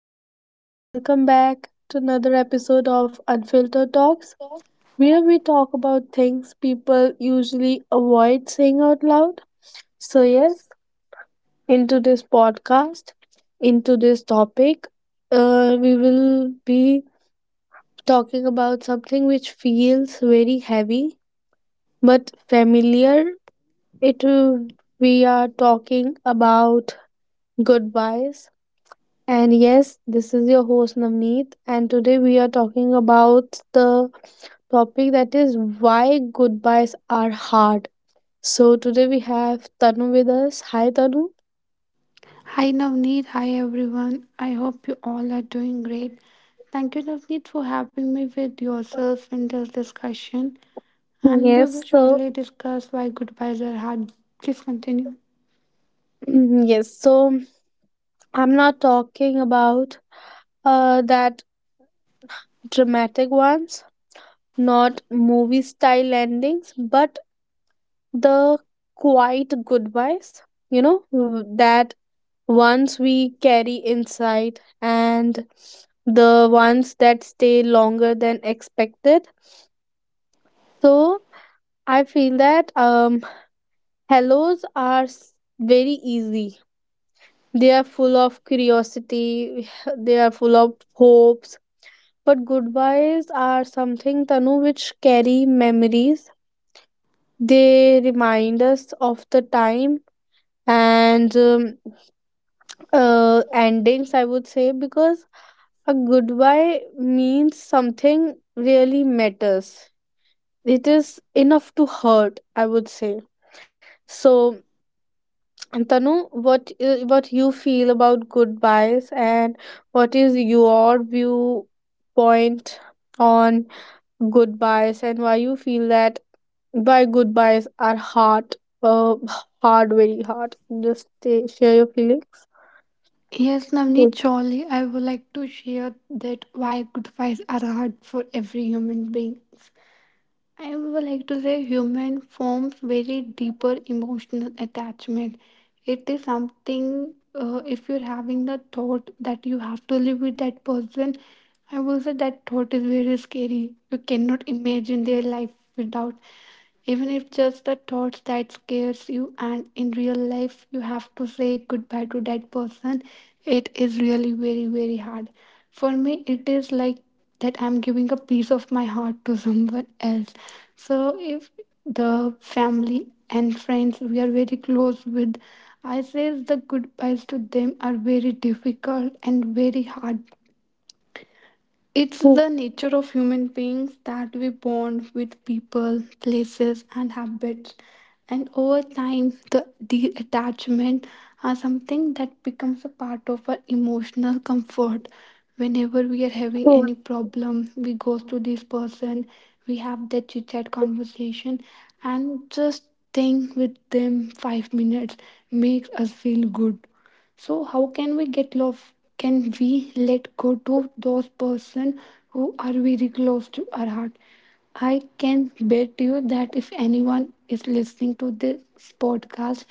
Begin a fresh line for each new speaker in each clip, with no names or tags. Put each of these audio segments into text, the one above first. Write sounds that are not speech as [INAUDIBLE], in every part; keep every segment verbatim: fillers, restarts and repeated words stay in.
everyone. Welcome back to another episode of Unfiltered Talks, where we talk about things people usually avoid saying out loud. So, yes, into this podcast, into this topic, uh, we will be talking about something which feels very heavy but familiar. It will- we are talking about goodbyes. And yes, this is your host Navneet, and today we are talking about the topic that is why goodbyes are hard. So today we have Tanu with us. Hi Tanu.
Hi Navneet, hi everyone. I hope you all are doing great. Thank you Navneet for having me with yourself in this discussion. And we will
Yes, so
shortly discuss why goodbyes are hard. Please continue.
[CLEARS THROAT] yes, so I'm not talking about uh that dramatic ones, not movie style endings, but the quiet goodbyes, you know, w- that ones we carry inside and the ones that stay longer than expected. So I feel that um, hellos are s- very easy. They are full of curiosity, [SIGHS] they are full of hopes. But goodbyes are something, Tanu, which carry memories. They remind us of the time and um, uh, endings, I would say, because a goodbye means something really matters. It is enough to hurt, I would say. So, Tanu, what uh, what you feel about goodbyes, and what is your viewpoint on goodbyes, and why you feel that why goodbyes are hard, uh, hard, very hard. Just say- share your feelings.
Yes, Navneet,
It's
surely I would like to share that why goodbyes are hard for every human being. I would like to say human forms very deeper emotional attachment. It is something uh, if you're having the thought that you have to live with that person, I will say that thought is very scary. You cannot imagine their life without, even if just the thoughts that scares you. And in real life, you have to say goodbye to that person. It is really very very hard. For me, it is like that I'm giving a piece of my heart to someone else. So if the family and friends we are very close with, I says the goodbyes to them are very difficult and very hard. It's
true.
the nature of human beings that we bond with people, places, and habits. And over time, the, the attachment are something that becomes a part of our emotional comfort. Whenever we are having
True.
any problem, we go to this person, we have that chit chat conversation, and just staying with them five minutes makes us feel good. So how can we get love? Can we let go to those person who are very close to our heart? I can bet you that if anyone is listening to this podcast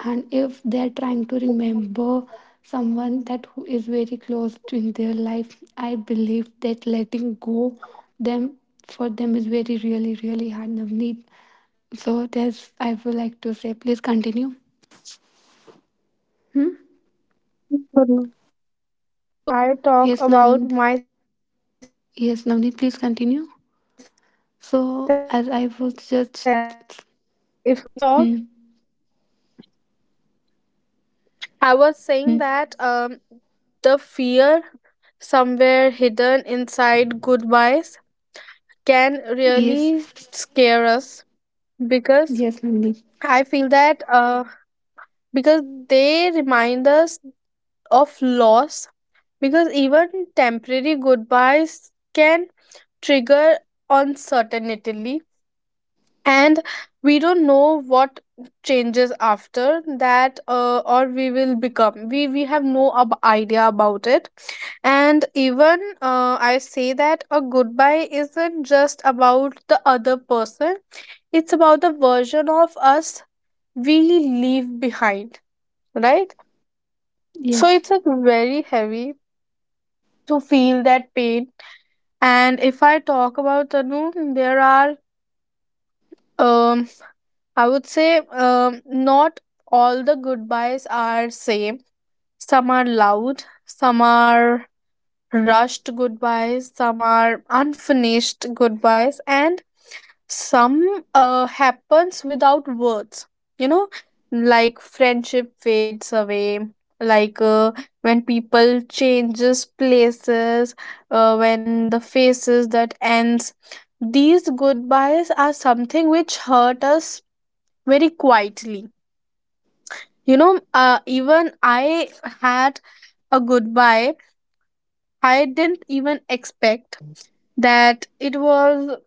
and if they're trying to remember someone that who is very close to in their life, I believe that letting go them for them is very really really hard. Navneet, so that's I would
Tanu.
like to say. Please continue.
So if I talk about myself
Yes,
and if
Navneet.
I yeah.
Yes, Navneet, please continue.
[CLEARS THROAT] Yeah, so if
So,
I
as
talk,
I was just. Hmm.
I was saying that um the
Hmm.
fear somewhere hidden inside goodbyes can really scare us
Yes.
because I feel
Yes,
that
Navneet.
uh because they remind us of loss, because even temporary goodbyes can trigger uncertainty, and we don't know what changes after that, uh, or we will become we we have no ab- idea about it. And even uh, I say that a goodbye isn't just about the other person, it's about the version of us we leave behind, right? So
Yes.
it's a very heavy to feel that pain. And if I talk about tanu, there are um I would say, um, not all the goodbyes are same. Some are loud, some are rushed goodbyes, some are unfinished goodbyes, and some uh, happens without words. You know, like friendship fades away, like uh, when people changes places, uh, when the faces that ends. These goodbyes are something which hurt us very quietly, you know, uh, even I had a goodbye. I didn't even expect that it was.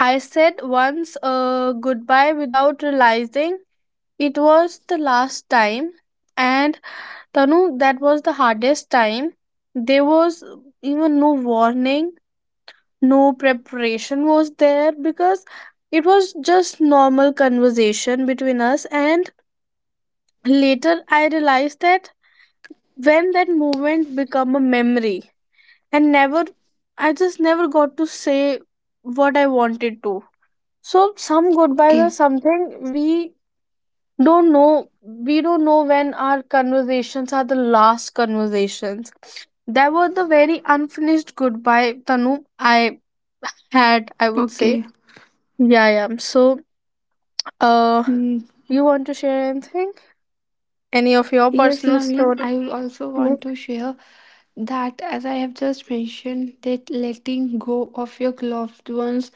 I said once a goodbye without realizing it was the last time. And Tanu, that was the hardest time. There was even no warning, no preparation was there, because it was just normal conversation between us. And later I realized that when that moment become a memory, and never, I just never got to say what I wanted to. So some goodbyes are
Okay.
something we don't know, we don't know when our conversations are the last conversations. That was the very unfinished goodbye, tanu, I had, I would say.
Okay.
Yeah, yeah, so uh
Hmm.
you want to share anything, any of your
Yes,
personal
Navneet,
story.
I will also want
Yes,
to share that, as I have just mentioned, that letting go of your loved ones,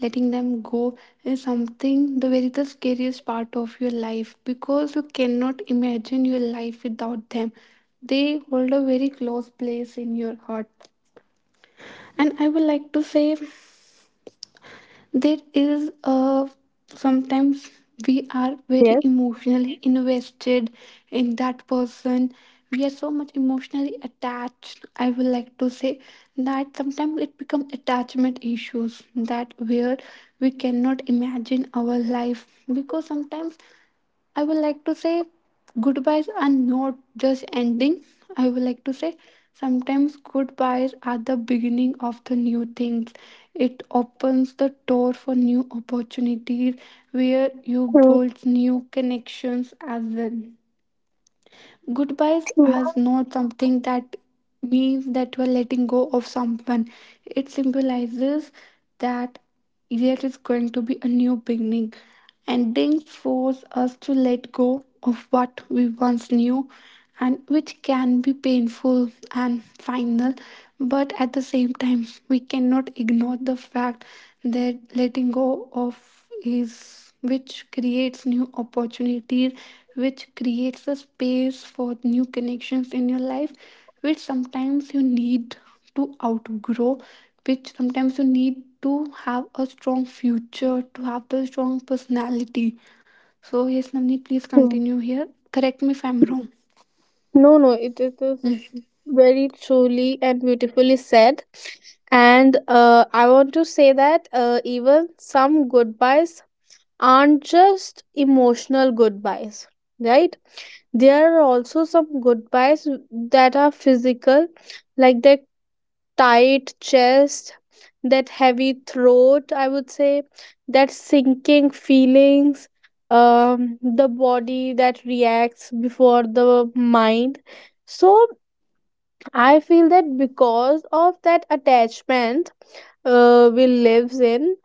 letting them go, is something the very the scariest part of your life because you cannot imagine your life without them. They hold a very close place in your heart. And I would like to say there is a sometimes we are
yes.
very emotionally invested in that person. We are so much emotionally attached. I would like to say that sometimes it becomes attachment issues that where we cannot imagine our life because sometimes I would like to say goodbyes are not just ending. I would like to say sometimes goodbyes are the beginning of the new things. It opens the door for new opportunities where you
True.
build new connections as well. Goodbyes
True.
are not something that means that you are letting go of someone. It symbolizes that there is going to be a new beginning. Endings force us to let go of what we once knew and which can be painful and final, but at the same time we cannot ignore the fact that letting go of is which creates new opportunities, which creates a space for new connections in your life, which sometimes you need to outgrow, which sometimes you need to have a strong future to have the strong personality. So yes, namni, please
True.
continue here. Correct me if I'm wrong.
No, no, it, it is very truly and beautifully said. And uh, I want to say that uh, even some goodbyes aren't just emotional goodbyes, right? There are also some goodbyes that are physical, like that tight chest, that heavy throat, I would say, that sinking feelings, um, the body that reacts before the mind. So I feel that because of that attachment, uh, we lives in,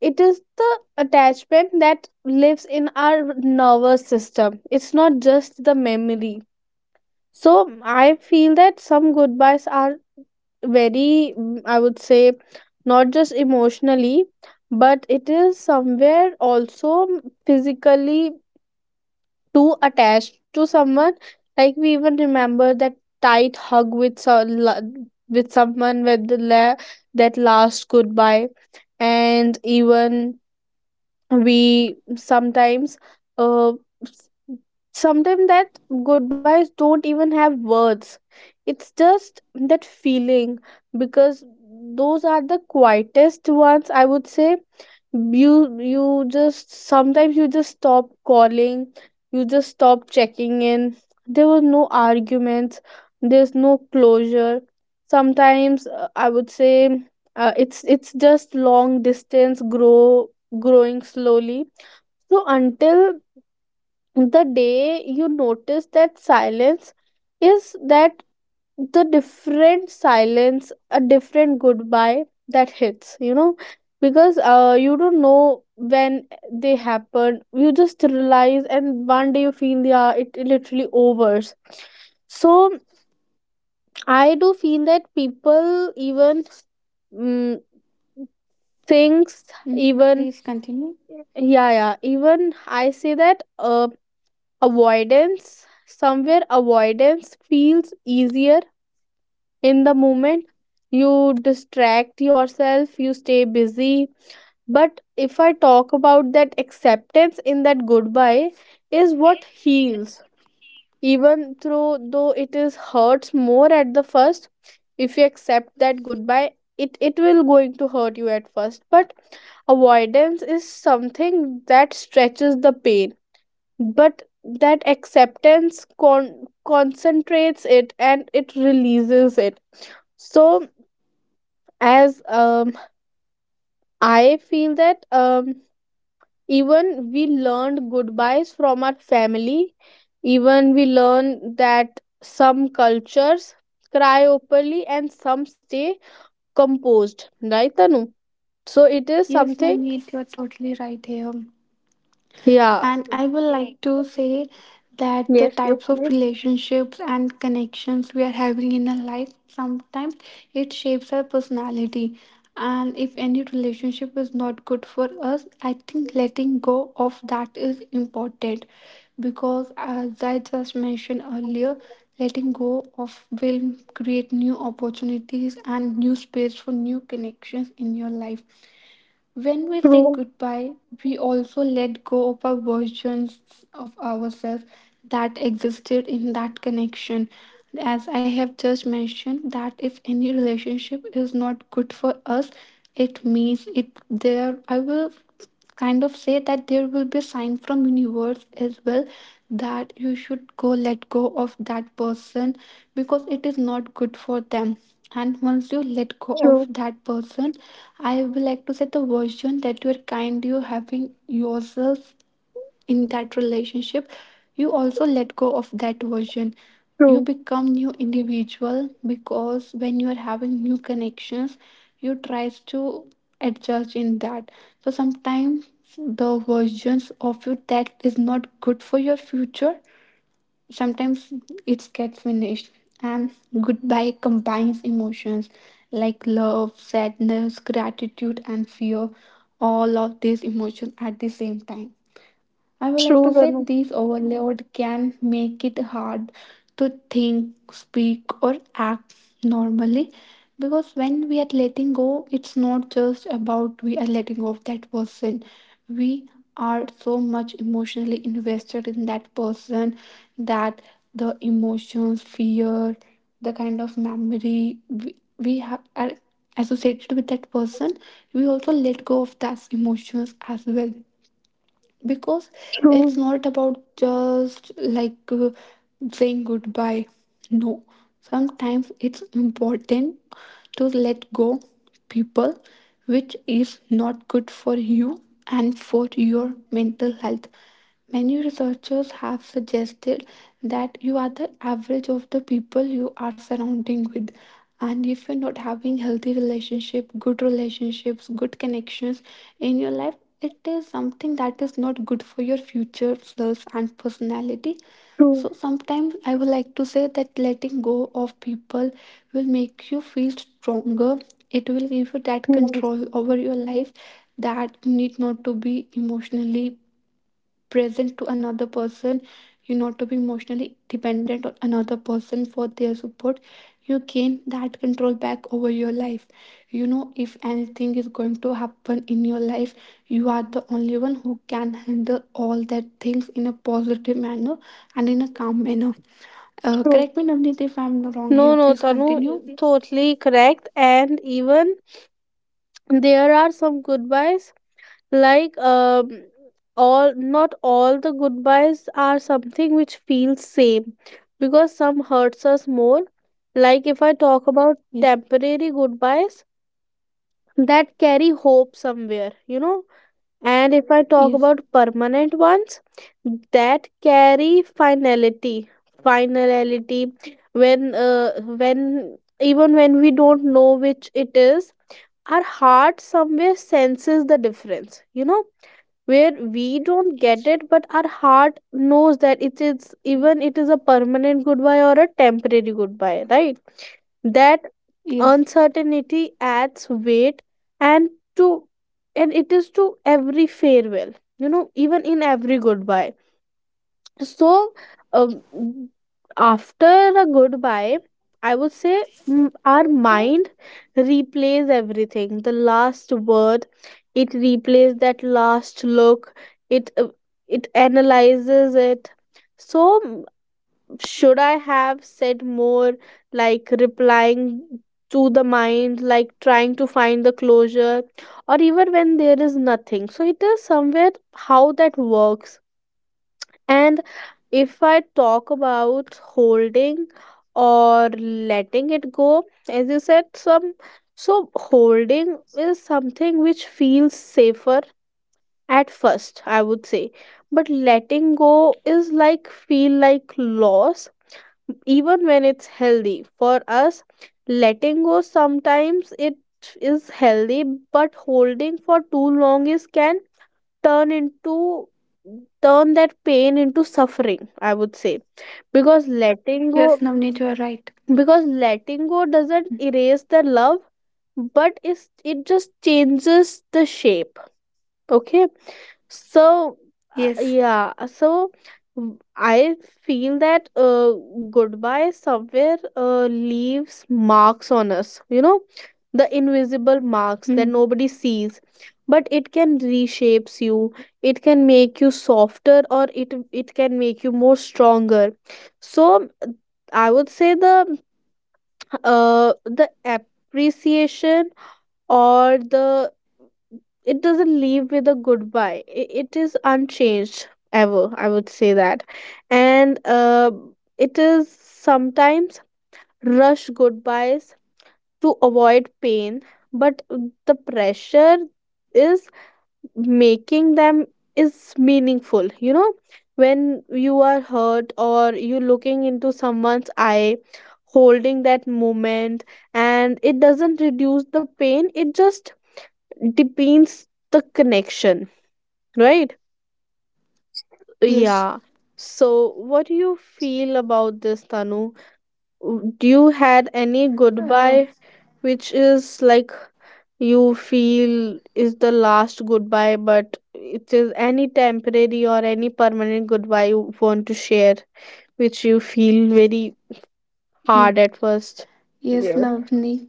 it is the attachment that lives in our nervous system. It's not just the memory. So I feel that some goodbyes are very, mm, I would say, not just emotionally, but it is somewhere also, mm, physically too attached to someone. Like we even remember that tight hug with so, la- with someone with the la- that last goodbye, and even we sometimes uh s- sometimes that goodbyes don't even have words, it's just that feeling, because those are the quietest ones, I would say. You you just sometimes you just stop calling, you just stop checking in. There were no arguments, there's no closure. Sometimes uh, I would say, uh, it's it's just long distance grow growing slowly. So until the day you notice that silence, is that the different silence, a different goodbye that hits, you know? Because uh, you don't know when they happen, you just realize, and one day you feel, yeah, it literally overs. So I do feel that people even, mm, things,
Mm.
even,
Please continue.
yeah, yeah, even I say that uh, avoidance, somewhere avoidance feels easier in the moment. You distract yourself, you stay busy. But if I talk about that acceptance, in that goodbye is what heals, even through though it is hurts more at the first. If you accept that goodbye, it it will going to hurt you at first, but avoidance is something that stretches the pain. But that acceptance con- concentrates it and it releases it. So, as um, I feel that, um, even we learned goodbyes from our family, even we learn that some cultures cry openly and some stay composed, right tanu? So it is
Yes,
something.
Navneet, you are totally right here.
Yeah.
And I would like to say that the
Yes, yes,
types of
yes.
relationships and connections we are having in our life sometimes it shapes our personality. And if any relationship is not good for us, I think letting go of that is important because, as I just mentioned earlier, letting go of will create new opportunities and new space for new connections in your life. When we say
True.
goodbye, we also let go of our versions of ourselves that existed in that connection. As I have just mentioned, that if any relationship is not good for us, it means it there. I will kind of say that there will be a sign from universe as well that you should go let go of that person because it is not good for them, and once you let go of
True.
that person, I would like to say the version that you're kind you having yourself in that relationship, you also let go of that version. You
True.
become new individual because when you are having new connections, you tries to adjust in that. So sometimes the versions of you that is not good for your future, sometimes it gets finished. And goodbye combines emotions like love, sadness, gratitude and fear, all of these emotions at the same time. I would like
True,
to say
tanu.
these overload can make it hard to think, speak, or act normally because when we are letting go, it's not just about we are letting go of that person. We are so much emotionally invested in that person that the emotions, fear, the kind of memory we, we have are associated with that person, we also let go of those emotions as well because it's
True.
not about just like uh, saying goodbye. No, sometimes it's important to let go people which is not good for you and for your mental health. Many researchers have suggested that you are the average of the people you are surrounding with, and if you're not having healthy relationship, good relationships, good connections in your life, it is something that is not good for your future self and personality.
True.
So sometimes I would like to say that letting go of people will make you feel stronger. It will give you that
Yes,
control over your life, that you need not to be emotionally present to another person, you not to be emotionally dependent on another person for their support. You gain that control back over your life. You know, if anything is going to happen in your life, you are the only one who can handle all that things in a positive manner and in a calm manner. Uh,
true.
correct me, Navneet, if I'm wrong
No,
here.
no,
Please
tanu,
continue.
totally correct. And even there are some goodbyes, like, um all, not all the goodbyes are something which feels same, because some hurts us more. Like if I talk about
yes
temporary goodbyes that carry hope somewhere, you know. And if I talk
yes
about permanent ones that carry finality. Finality. When uh, when even when we don't know which it is, our heart somewhere senses the difference, you know? Where we don't get
yes,
it, but our heart knows that it is, even it is a permanent goodbye or a temporary goodbye, right? That
yes.
uncertainty adds weight and to, and it is to every farewell, you know, even in every goodbye. So, um, after a goodbye, I would say, mm, our mind replays everything, the last word. It replays that last look. It, uh, it analyzes it. So, mm, should I have said more, like replying to the mind, like trying to find the closure, or even when there is nothing, so it is somewhere, how that works. And if I talk about holding or letting it go, as you said, some, so holding is something which feels safer at first, I would say. But letting go is like feel like loss, even when it's healthy. For us, letting go sometimes it is healthy, but holding for too long is can turn into turn that pain into suffering, I would say, because letting go,
Yes, Navneet, you are right.
because letting go doesn't erase the love, but it's, it just changes the shape. Okay, so, uh,
Yes.
yeah, uh, so w- I feel that uh, goodbye somewhere uh, leaves marks on us, you know, the invisible marks that
Hmm.
nobody sees, but it can reshapes you, it can make you softer, or it it can make you more stronger. So I would say the uh the appreciation or the, it doesn't leave with a goodbye, I- it is unchanged ever, I would say that. And uh, it is sometimes rush goodbyes to avoid pain, but the pressure is making them is meaningful, you know. When you are hurt or you looking into someone's eye, holding that moment, and it doesn't reduce the pain, it just depends the connection, right?
Yes.
Yeah. So, what do you feel about this, Tanu? W- Do you had any
uh,
goodbye which is like you feel is the last goodbye, but it is any temporary or any permanent goodbye you want to share, which you feel very
hmm.
hard at first?
Yes,
Yeah.
Navni.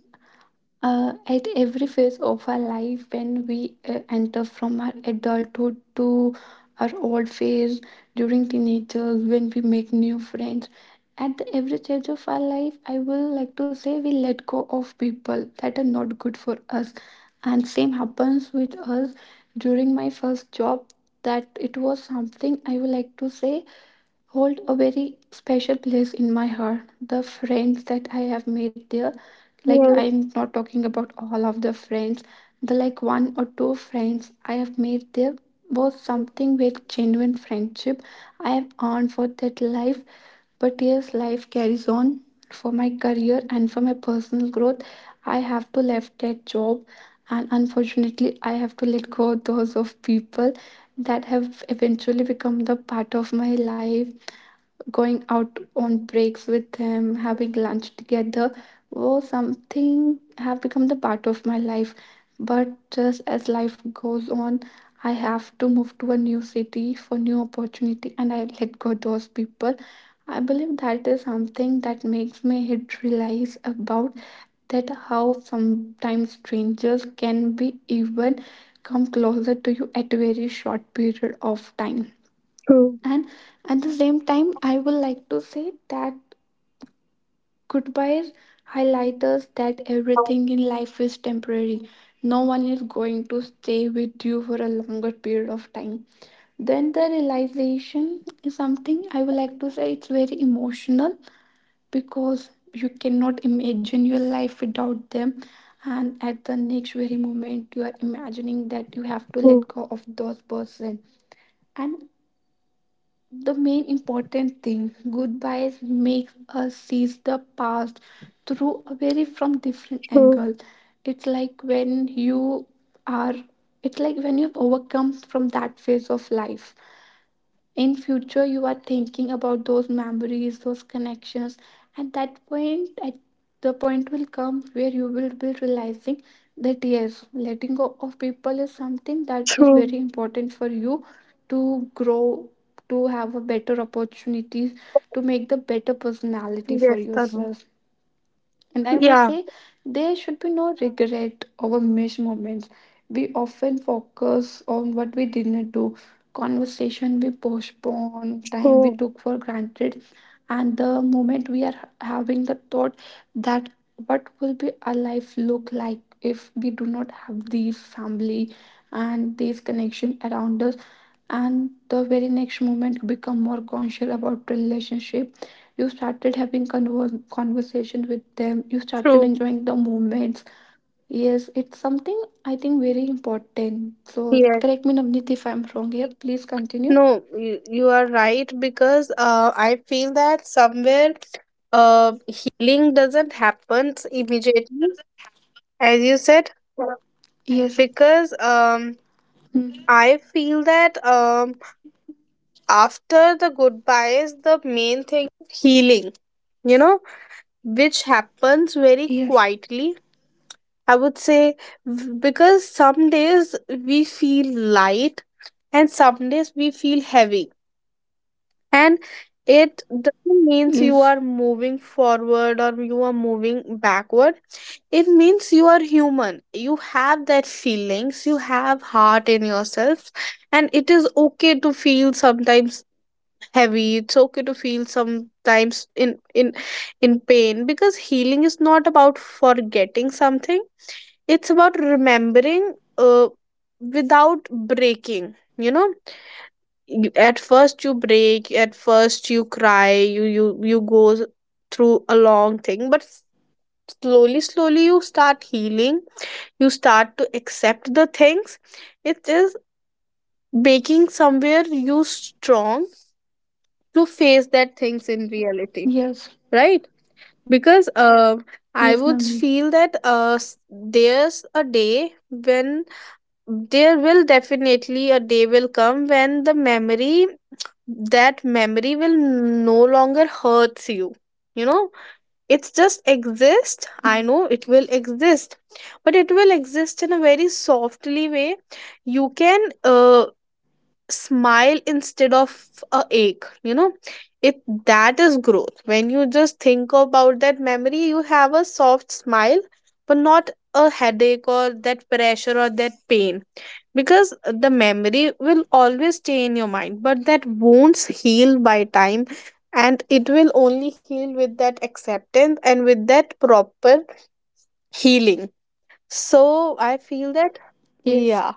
Uh, at every phase of our life, when we uh, enter from our adulthood to our old phase, during teenagers, when we make new friends, at the every stage of our life, I will like to say we let go of people that are not good for us, and same happens with us during my first job. That it was something I would like to say hold a very special place in my heart. The friends that I have made there, like
Yes.
I'm not talking about all of the friends, the like one or two friends I have made there was something with genuine friendship I have earned for that life. But yes, life carries on. For my career and for my personal growth, I have to left that job, and unfortunately, I have to let go those of people that have eventually become the part of my life. Going out on breaks with him, having lunch together was something have become the part of my life. But just as life goes on, I have to move to a new city for new opportunity and I let go those people. I believe that is something that makes me hit realize about that how sometimes strangers can be even come closer to you at a very short period of time.
True.
And at the same time, I would like to say that goodbye highlights us that everything in life is temporary. No one is going to stay with you for a longer period of time. Then the realization is something I would like to say it's very emotional because you cannot imagine your life without them, and at the next very moment you are imagining that you have to
True.
let go of those person. And the main important thing, goodbyes makes us see the past through a very from different
True.
angle. It's like when you are, it's like when you've overcome from that phase of life, in future you are thinking about those memories, those connections, and that point at the point will come where you will be realizing that yes, letting go of people is something that is
True.
very important for you to grow, to have a better opportunities, to make the better personality for
Yes, Tanu.
yourself. And I will
Yeah.
say there should be no regret over missed moments. We often focus on what we didn't do, conversation we postpone, time we
True.
took for granted, and the moment we are having the thought that what will be our life look like if we do not have these family and these connection around us, and the very next moment become more conscious about relationship, you started having conver- conversation with them, you started
True.
enjoying the moments. Yes, it's something I think very important. So
Yes.
correct me Navneet if I'm wrong here. Please continue.
No, you, you are right, because uh, I feel that somewhere uh, healing doesn't happen immediately, as you said,
Yes.
because um,
Hmm.
I feel that, um, after the goodbyes, the main thing is healing, you know, which happens very
Yes.
quietly. I would say, v- because some days we feel light and some days we feel heavy, and it doesn't means you
yes
are moving forward or you are moving backward. It means you are human, you have that feelings, you have heart in yourself, and it is okay to feel sometimes heavy. It's okay to feel sometimes in in in pain, because healing is not about forgetting something, it's about remembering, uh, without breaking, you know. You, at first you break, at first you cry, you you you go s- through a long thing, but s- slowly slowly you start healing, you start to accept the things. It is making somewhere you strong to face that things in reality,
yes
right? Because uh, I
yes.
would
Navneet.
feel that uh, s- there's a day when there will definitely a day will come when the memory, that memory will no longer hurts you, you know. It's just exist, I
Hmm.
know it will exist, but it will exist in a very softly way. You can uh, smile instead of a ache, you know. It, that is growth, when you just think about that memory you have a soft smile, but not a headache or that pressure or that pain, because the memory will always stay in your mind, but that wounds heal by time, and it will only heal with that acceptance and with that proper healing. So I feel that,
Yes.
yeah.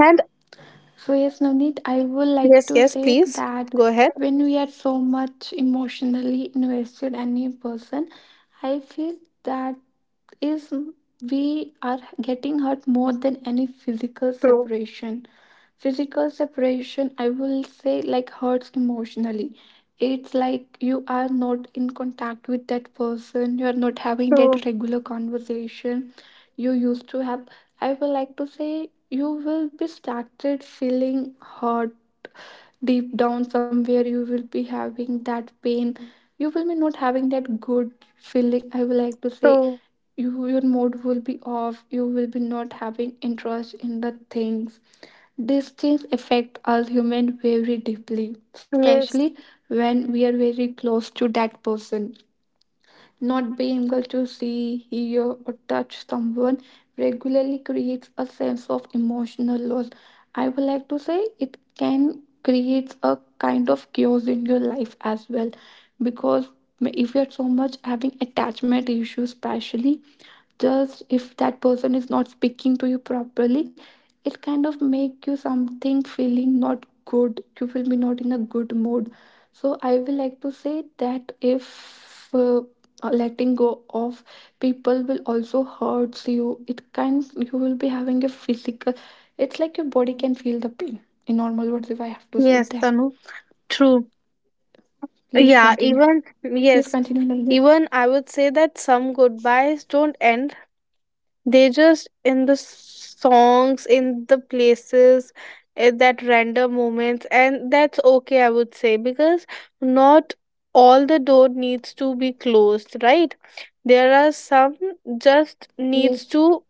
And
So, yes, Navneet, I would like
yes,
to
yes,
say
please,
that
go ahead.
when we are so much emotionally invested in a person, I feel that is we are getting hurt more than any physical separation. Physical separation, I will say, like hurts emotionally. It's like you are not in contact with that person, you are not having
True,
that regular conversation you used to have. I would like to say you will be started feeling hurt deep down somewhere. You will be having that pain. You will be not having that good feeling. I would like to say
true.
you your mood will be off. You will be not having interest in the things. These things affect us human very deeply,
Yes,
especially when we are very close to that person. Not being able to see, hear, or touch someone regularly creates a sense of emotional loss. I would like to say it can create a kind of chaos in your life as well because if you're so much having attachment issues, especially just if that person is not speaking to you properly, it kind of make you something feeling not good, you will be not in a good mood. So I will like to say that if uh, letting go of people will also hurts you, it kind you will be having a physical, it's like your body can feel the pain, in normal words if I have to say
yes,
that.
Tanu. True.
Please
Yeah,
continue.
even,
Please
yes,
continue, Navneet.
even I would say that some goodbyes don't end. They just in the songs, in the places, in that random moments, and that's okay, I would say, because not all the door needs to be closed, right? There are some just needs
Yes.
to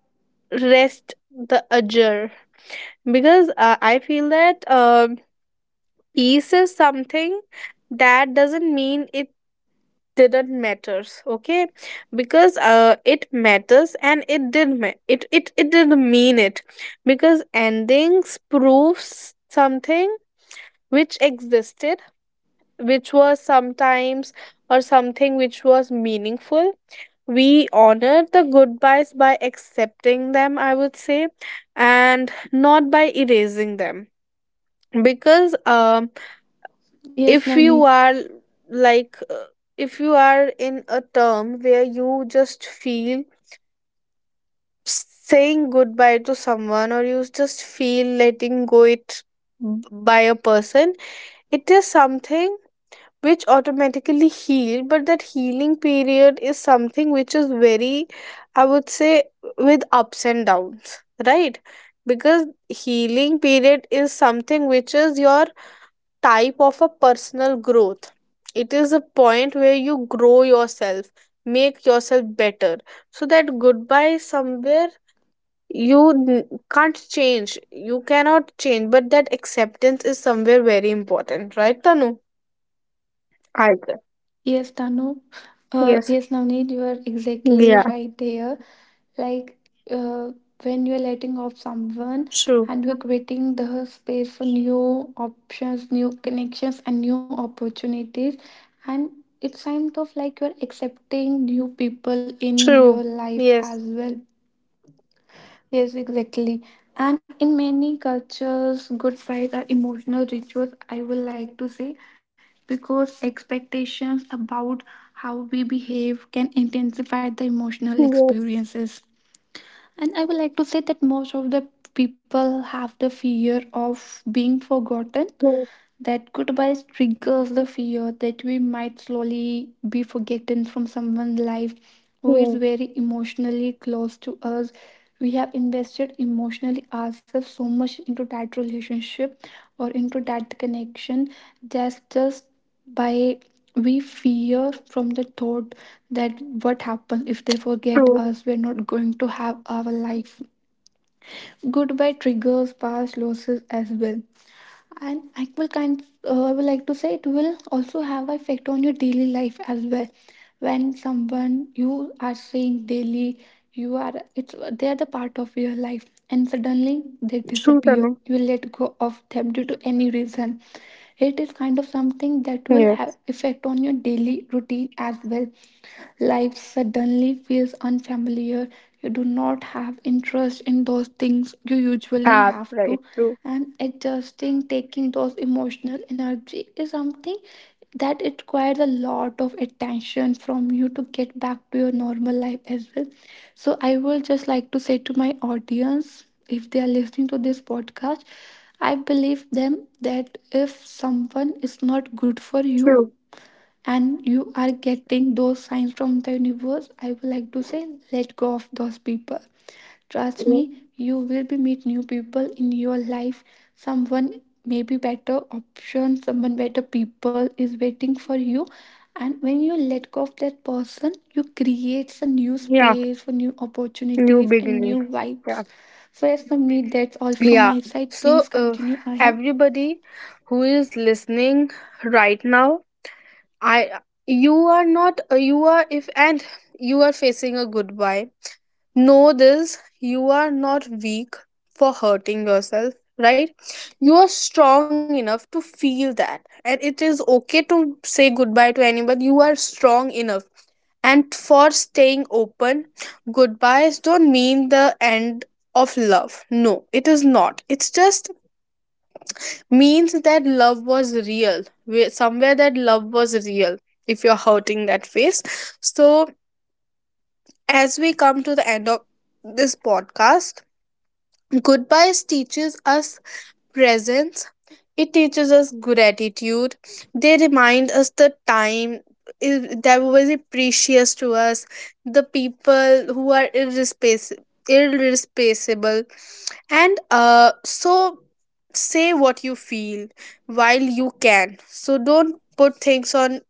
rest the adjour, because uh, I feel that um peace is something that doesn't mean it didn't matters, okay? Because uh it matters, and it did ma- it it it didn't mean it, because endings proves something which existed, which was sometimes, or something which was meaningful. We honor the goodbyes by accepting them, I would say, and not by erasing them, because, um
Yes,
if
Navneet.
you are, like, uh, if you are in a term where you just feel saying goodbye to someone, or you just feel letting go it, b- by a person, it is something which automatically heal, but that healing period is something which is very, I would say, with ups and downs, right? Because healing period is something which is your type of a personal growth. It is a point where you grow yourself, make yourself better. So that goodbye somewhere you n- can't change. You cannot change, but that acceptance is somewhere very important, right, Tanu? I agree.
Yes, Tanu. Uh,
Yes.
yes, Navneet, you are exactly
Yeah.
right there. Like uh, when you're letting off someone
True.
and you're creating the space for new options, new connections, and new opportunities. And it's kind of like you're accepting new people in
True.
your life
Yes.
as well. Yes, exactly. And in many cultures, goodbyes are emotional rituals, I would like to say, because expectations about how we behave can intensify the emotional
Yes.
experiences. And I would like to say that most of the people have the fear of being forgotten,
Yes.
that goodbye triggers the fear that we might slowly be forgotten from someone's life who is
Yes.
very emotionally close to us. We have invested emotionally ourselves so much into that relationship or into that connection, just just by, we fear from the thought that what happens if they forget
True.
us, we're not going to have our life. Goodbye triggers past losses as well, and I will kind, uh, I would like to say it will also have effect on your daily life as well. When someone you are seeing daily, you are, it's, they are the part of your life and suddenly they
True,
disappear,
Tanu.
you let go of them due to any reason, it is kind of something that will have
Yes.
effect on your daily routine as well. Life suddenly feels unfamiliar, you do not have interest in those things you usually
Ah,
have to.
right. True.
And adjusting, taking those emotional energy, is something that it requires a lot of attention from you to get back to your normal life as well. So I will just like to say to my audience, if they are listening to this podcast, I believe them that if someone is not good for you,
True.
and you are getting those signs from the universe, I would like to say let go of those people. Trust me,
True.
you will be meet new people in your life. Someone maybe better option, someone better people is waiting for you. And when you let go of that person, you create a new
Yeah.
space for new
New
opportunities and new
beginnings. Yeah.
vibes. So yes, Navneet, that's all from
Yeah.
my side, please
So uh,
continue ahead.
everybody who is listening right now, I, you are not, uh, you are, if and you are facing a goodbye, know this, you are not weak for hurting yourself, right? You are strong enough to feel that. And it is okay to say goodbye to anybody. You are strong enough. And for staying open, goodbyes don't mean the end of love. No, it is not. It's just means that love was real, where- somewhere that love was real, if you're hurting that face. So, as we come to the end of this podcast, goodbyes teaches us presence. It teaches us gratitude. They remind us the time i- that was precious to us, the people who are irrespac- irreplaceable. And uh, so say what you feel while you can. So don't put things on,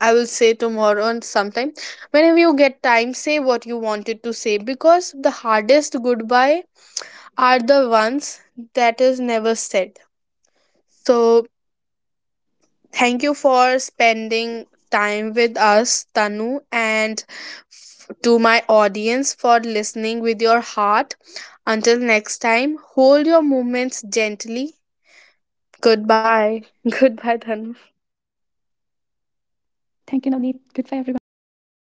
I will say, tomorrow and sometime. Whenever you get time, say what you wanted to say, because the hardest goodbye are the ones that is never said. So, thank you for spending time with us, Tanu, and f- to my audience for listening with your heart. Until next time, hold your movements gently. Goodbye. [LAUGHS] Goodbye, Tanu.
Thank you, Navneet. Goodbye, everyone.